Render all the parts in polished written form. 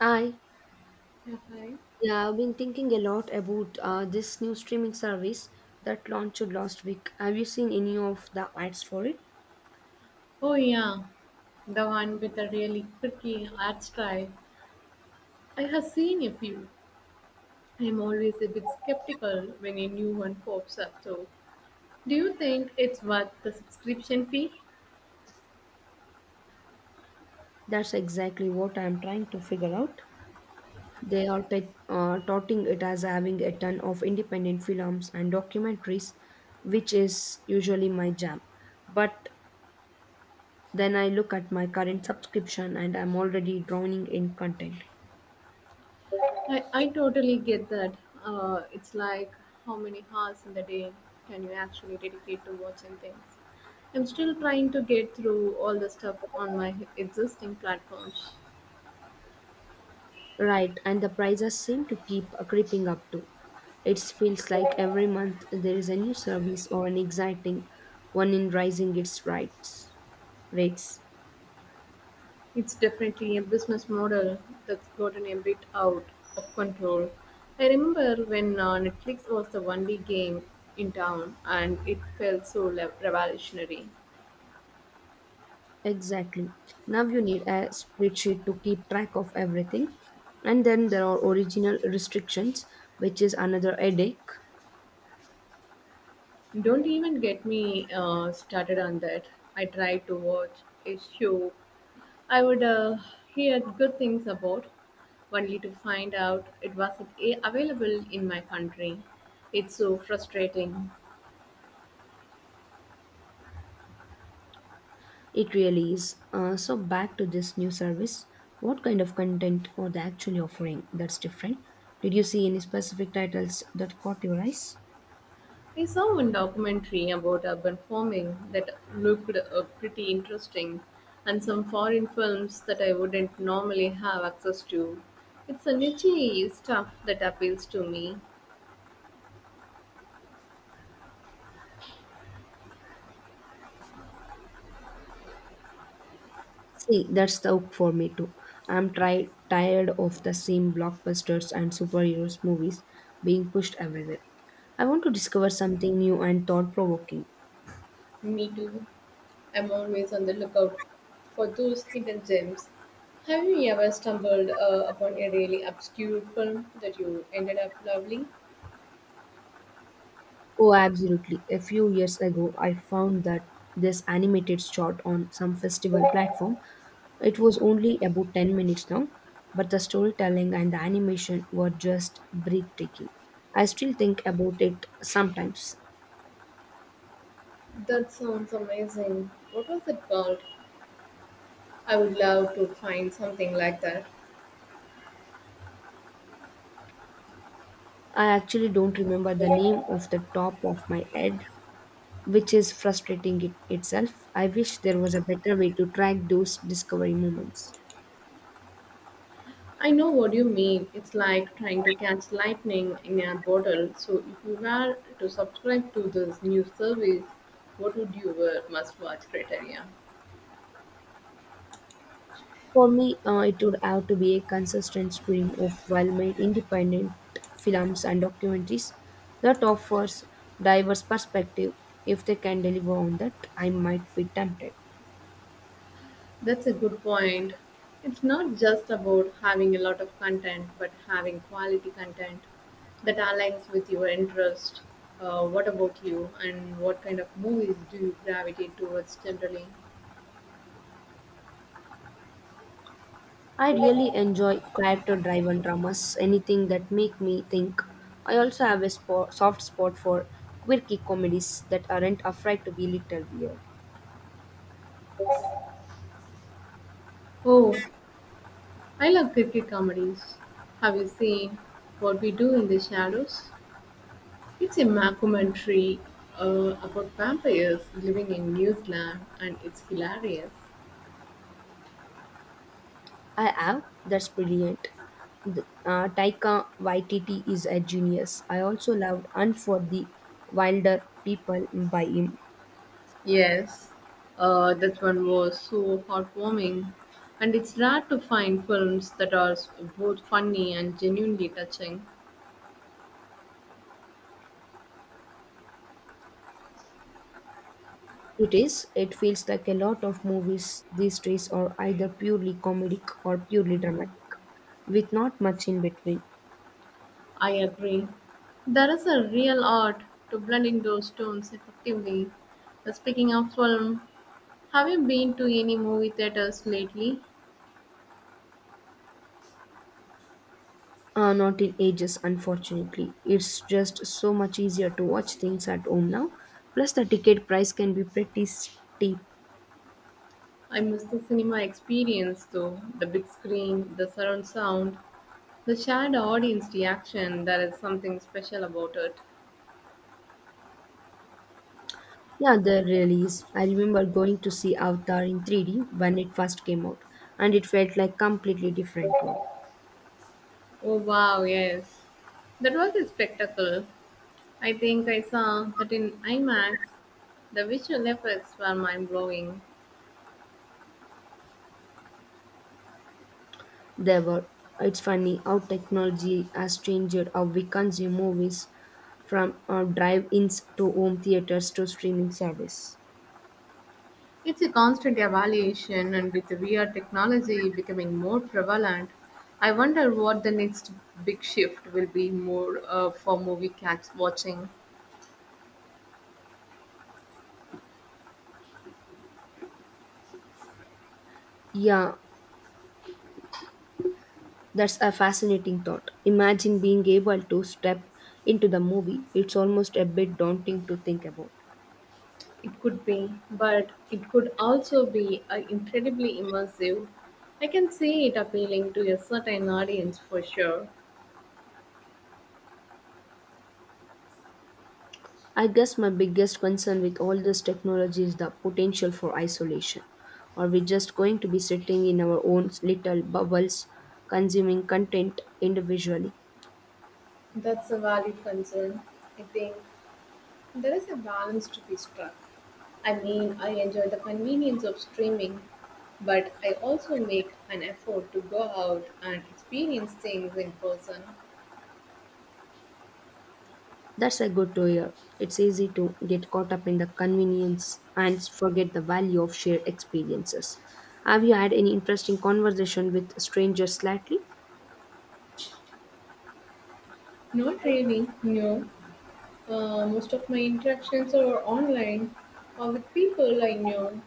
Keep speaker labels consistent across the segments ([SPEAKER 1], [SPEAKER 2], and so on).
[SPEAKER 1] I
[SPEAKER 2] Yeah, hi.
[SPEAKER 1] yeah, I've been thinking a lot about this new streaming service that launched last week. Have you seen any of the ads for it?
[SPEAKER 2] Oh yeah, the one with a really quirky art style. I have seen a few. I'm always a bit skeptical when a new one pops up though. Do you think it's worth the subscription fee?
[SPEAKER 1] That's exactly what I'm trying to figure out. They are touting it as having a ton of independent films and documentaries, which is usually my jam. But then I look at my current subscription and I'm already drowning in content.
[SPEAKER 2] I totally get that. It's like how many hours in the day can you actually dedicate to watching things? I'm still trying to get through all the stuff on my existing platforms.
[SPEAKER 1] Right, and the prices seem to keep creeping up too. It feels like every month there is a new service or an exciting one in rising its rights rates.
[SPEAKER 2] It's definitely a business model that's gotten a bit out of control. I remember when Netflix was the only game in town and it felt so revolutionary.
[SPEAKER 1] Exactly. Now you need a spreadsheet to keep track of everything. And then there are original restrictions, which is another headache.
[SPEAKER 2] Don't even get me started on that. I tried to watch a show I would hear good things about, only to find out it wasn't available in my country. It's so frustrating.
[SPEAKER 1] It really is. So back to this new service. What kind of content are they actually offering that's different? Did you see any specific titles that caught your eyes?
[SPEAKER 2] I saw one documentary about urban farming that looked pretty interesting, and some foreign films that I wouldn't normally have access to. It's a niche stuff that appeals to me.
[SPEAKER 1] See, that's the hook for me too. Tired of the same blockbusters and superheroes movies being pushed everywhere. I want to discover something new and thought provoking.
[SPEAKER 2] Me too. I'm always on the lookout for those hidden gems. Have you ever stumbled upon a really obscure film that you ended up loving?
[SPEAKER 1] Oh, absolutely. A few years ago, I found that this animated short on some festival platform. It was only about 10 minutes long, but the storytelling and the animation were just breathtaking. I still think about it sometimes.
[SPEAKER 2] That sounds amazing. What was it called? I would love to find something like that.
[SPEAKER 1] I actually don't remember the name of the top of my head, which is frustrating it itself. I wish there was a better way to track those discovery moments.
[SPEAKER 2] I know what you mean. It's like trying to catch lightning in a bottle. So, if you were to subscribe to this new service, what would you wear must watch criteria?
[SPEAKER 1] For me, it would have to be a consistent stream of well made independent films and documentaries that offers diverse perspective. If they can deliver on that, I might be tempted.
[SPEAKER 2] That's a good point. It's not just about having a lot of content, but having quality content that aligns with your interest. What about you, and what kind of movies do you gravitate towards generally?
[SPEAKER 1] I really enjoy character driven dramas, anything that make me think. I also have a soft spot for quirky comedies that aren't afraid to be little weird.
[SPEAKER 2] Oh, I love cricket comedies. Have you seen What We Do in the Shadows? It's a mockumentary about vampires living in New Zealand, and it's hilarious.
[SPEAKER 1] I am. That's brilliant. Taika Waititi is a genius. I also loved And for the Wilder People by him.
[SPEAKER 2] Yes. That one was so heartwarming, and it's rare to find films that are both funny and genuinely touching.
[SPEAKER 1] It is. It feels like a lot of movies these days are either purely comedic or purely dramatic, with not much in between.
[SPEAKER 2] I agree. There is a real art to blending those tones effectively. Speaking of film, have you been to any movie theaters lately?
[SPEAKER 1] Not in ages, unfortunately. It's just so much easier to watch things at home now. Plus, the ticket price can be pretty steep.
[SPEAKER 2] I miss the cinema experience though, the big screen, the surround sound. The shared audience reaction, there is something special about it.
[SPEAKER 1] Yeah, the release. I remember going to see Avatar in 3D when it first came out, and it felt like completely different world.
[SPEAKER 2] Oh wow, yes. That was a spectacle. I think I saw that in IMAX. The visual effects were mind blowing.
[SPEAKER 1] There were. It's funny how technology has changed how we consume movies, from drive-ins to home theaters to streaming service.
[SPEAKER 2] It's a constant evaluation, and with the VR technology becoming more prevalent, I wonder what the next big shift will be more for movie cats watching.
[SPEAKER 1] Yeah, that's a fascinating thought. Imagine being able to step into the movie. It's almost a bit daunting to think about.
[SPEAKER 2] It could be, but it could also be incredibly immersive. I can see it appealing to a certain audience for sure.
[SPEAKER 1] I guess my biggest concern with all this technology is the potential for isolation. Are we just going to be sitting in our own little bubbles, consuming content individually?
[SPEAKER 2] That's a valid concern. I think there is a balance to be struck. I mean, I enjoy the convenience of streaming, but I also make an effort to go out and experience things in person.
[SPEAKER 1] That's a good to hear. It's easy to get caught up in the convenience and forget the value of shared experiences. Have you had any interesting conversation with strangers lately?
[SPEAKER 2] Not really, no. Most of my interactions are online or with people I know.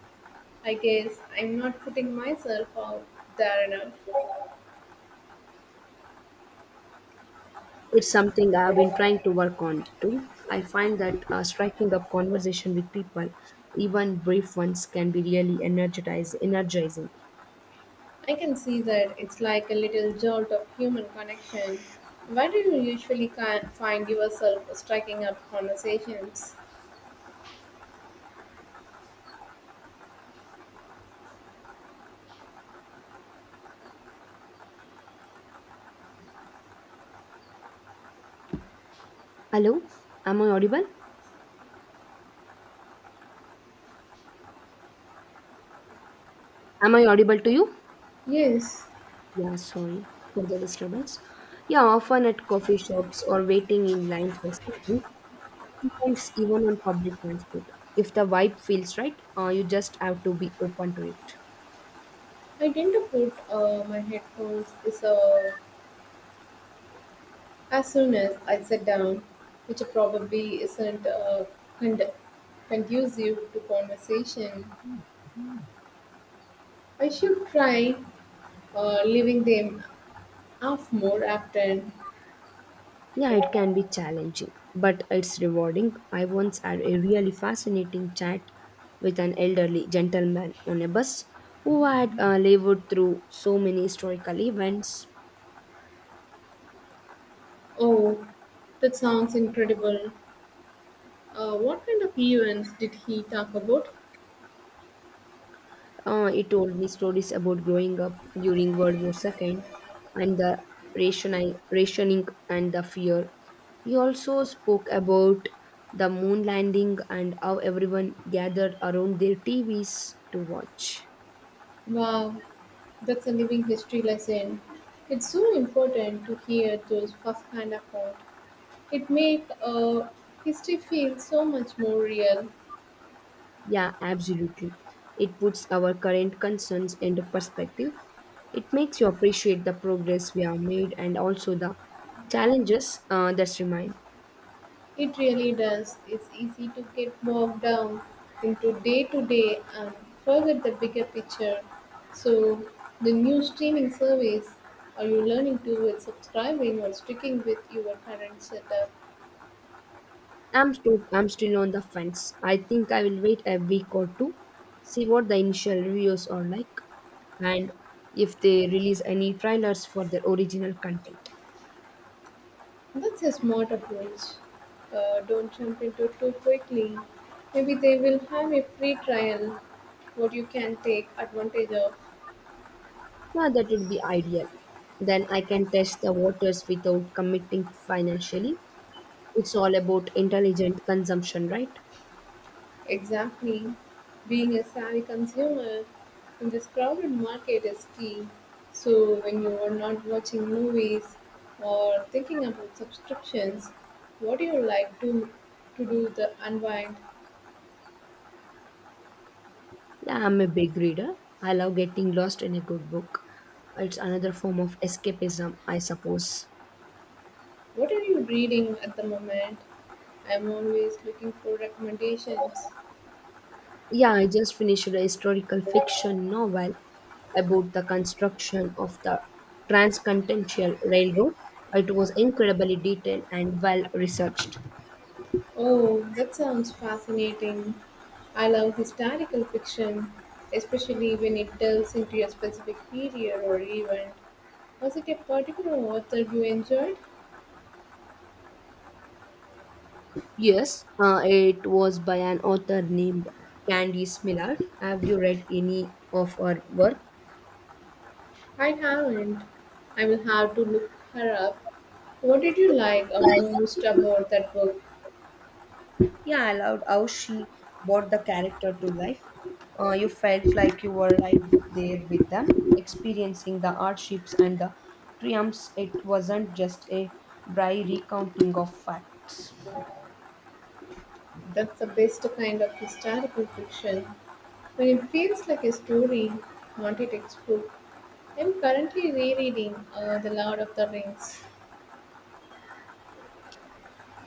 [SPEAKER 2] I guess I'm not putting myself out there enough.
[SPEAKER 1] It's something I've been trying to work on too. I find that striking up conversation with people, even brief ones, can be really energizing.
[SPEAKER 2] I can see that it's like a little jolt of human connection. Where do you usually can find yourself striking up conversations?
[SPEAKER 1] Hello, am I audible? Am I audible to you?
[SPEAKER 2] Yes,
[SPEAKER 1] Yeah, sorry for the disturbance. Yeah, often at coffee shops or waiting in line for something, sometimes even on public transport. If the vibe feels right, you just have to be open to it.
[SPEAKER 2] I tend to put my headphones is, as soon as I sit down, which probably isn't cond- conducive to conversation. I should try leaving them off more often.
[SPEAKER 1] Yeah, it can be challenging, but it's rewarding. I once had a really fascinating chat with an elderly gentleman on a bus who had lived through so many historical events.
[SPEAKER 2] Oh, that sounds incredible. What kind of events did he talk about?
[SPEAKER 1] He told me stories about growing up during World War II and the rationing and the fear. He also spoke about the moon landing and how everyone gathered around their TVs to watch.
[SPEAKER 2] Wow, that's a living history lesson. It's so important to hear those first-hand account. It makes history feel so much more real.
[SPEAKER 1] Yeah, absolutely. It puts our current concerns into perspective. It makes you appreciate the progress we have made and also the challenges that remain.
[SPEAKER 2] It really does. It's easy to get bogged down into day to day and forget the bigger picture. So, the new streaming service are you learning to with subscribing or sticking with your current setup?
[SPEAKER 1] I'm still on the fence. I think I will wait a week or two, see what the initial reviews are like, and if they release any trailers for their original content.
[SPEAKER 2] That's a smart approach. Don't jump into it too quickly. Maybe they will have a free trial what you can take advantage of.
[SPEAKER 1] Yeah, that would be ideal. Then I can test the waters without committing financially. It's all about intelligent consumption, right?
[SPEAKER 2] Exactly. Being a savvy consumer in this crowded market is key. So, when you are not watching movies or thinking about subscriptions, what do you like to do the unwind?
[SPEAKER 1] Yeah, I'm a big reader. I love getting lost in a good book. It's another form of escapism, I suppose.
[SPEAKER 2] What are you reading at the moment? I'm always looking for recommendations.
[SPEAKER 1] Yeah, I just finished a historical fiction novel about the construction of the Transcontinental Railroad. It was incredibly detailed and well researched.
[SPEAKER 2] Oh, that sounds fascinating. I love historical fiction, especially when it delves into a specific period or event. Was it a particular author you enjoyed?
[SPEAKER 1] Yes, it was by an author named Candice Miller. Have you read any of her work?
[SPEAKER 2] I haven't. I will have to look her up. What did you like most about that book?
[SPEAKER 1] Yeah, I loved how she brought the character to life. You felt like you were right there with them, experiencing the hardships and the triumphs. It wasn't just a dry recounting of facts.
[SPEAKER 2] That's the best kind of historical fiction. When it feels like a story, not a textbook. I'm currently rereading The Lord of the Rings.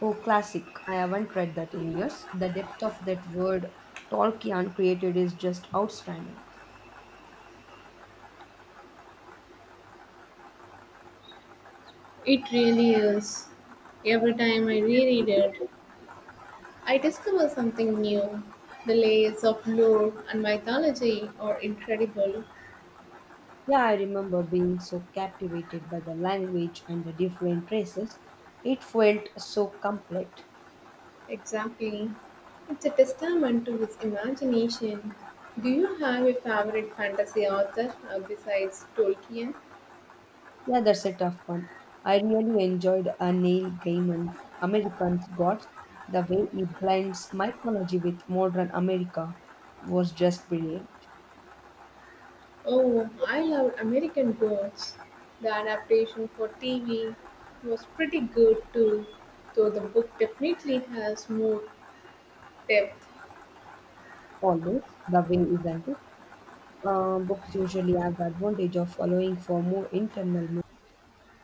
[SPEAKER 1] Oh, classic. I haven't read that in years. The depth of that word Tolkien created is just outstanding.
[SPEAKER 2] It really is. Every time I reread it, I discover something new. The layers of lore and mythology are incredible.
[SPEAKER 1] Yeah, I remember being so captivated by the language and the different races. It felt so complete.
[SPEAKER 2] Exactly. It's a testament to his imagination. Do you have a favorite fantasy author besides Tolkien?
[SPEAKER 1] Yeah, that's a tough one. I really enjoyed Neil Gaiman's American's Gods. The way he blends mythology with modern America was just brilliant.
[SPEAKER 2] Oh, I love American Gods. The adaptation for TV was pretty good too, though the book definitely has more depth.
[SPEAKER 1] Always the way, isn't it? Books usually have the advantage of allowing for more internal. Mo-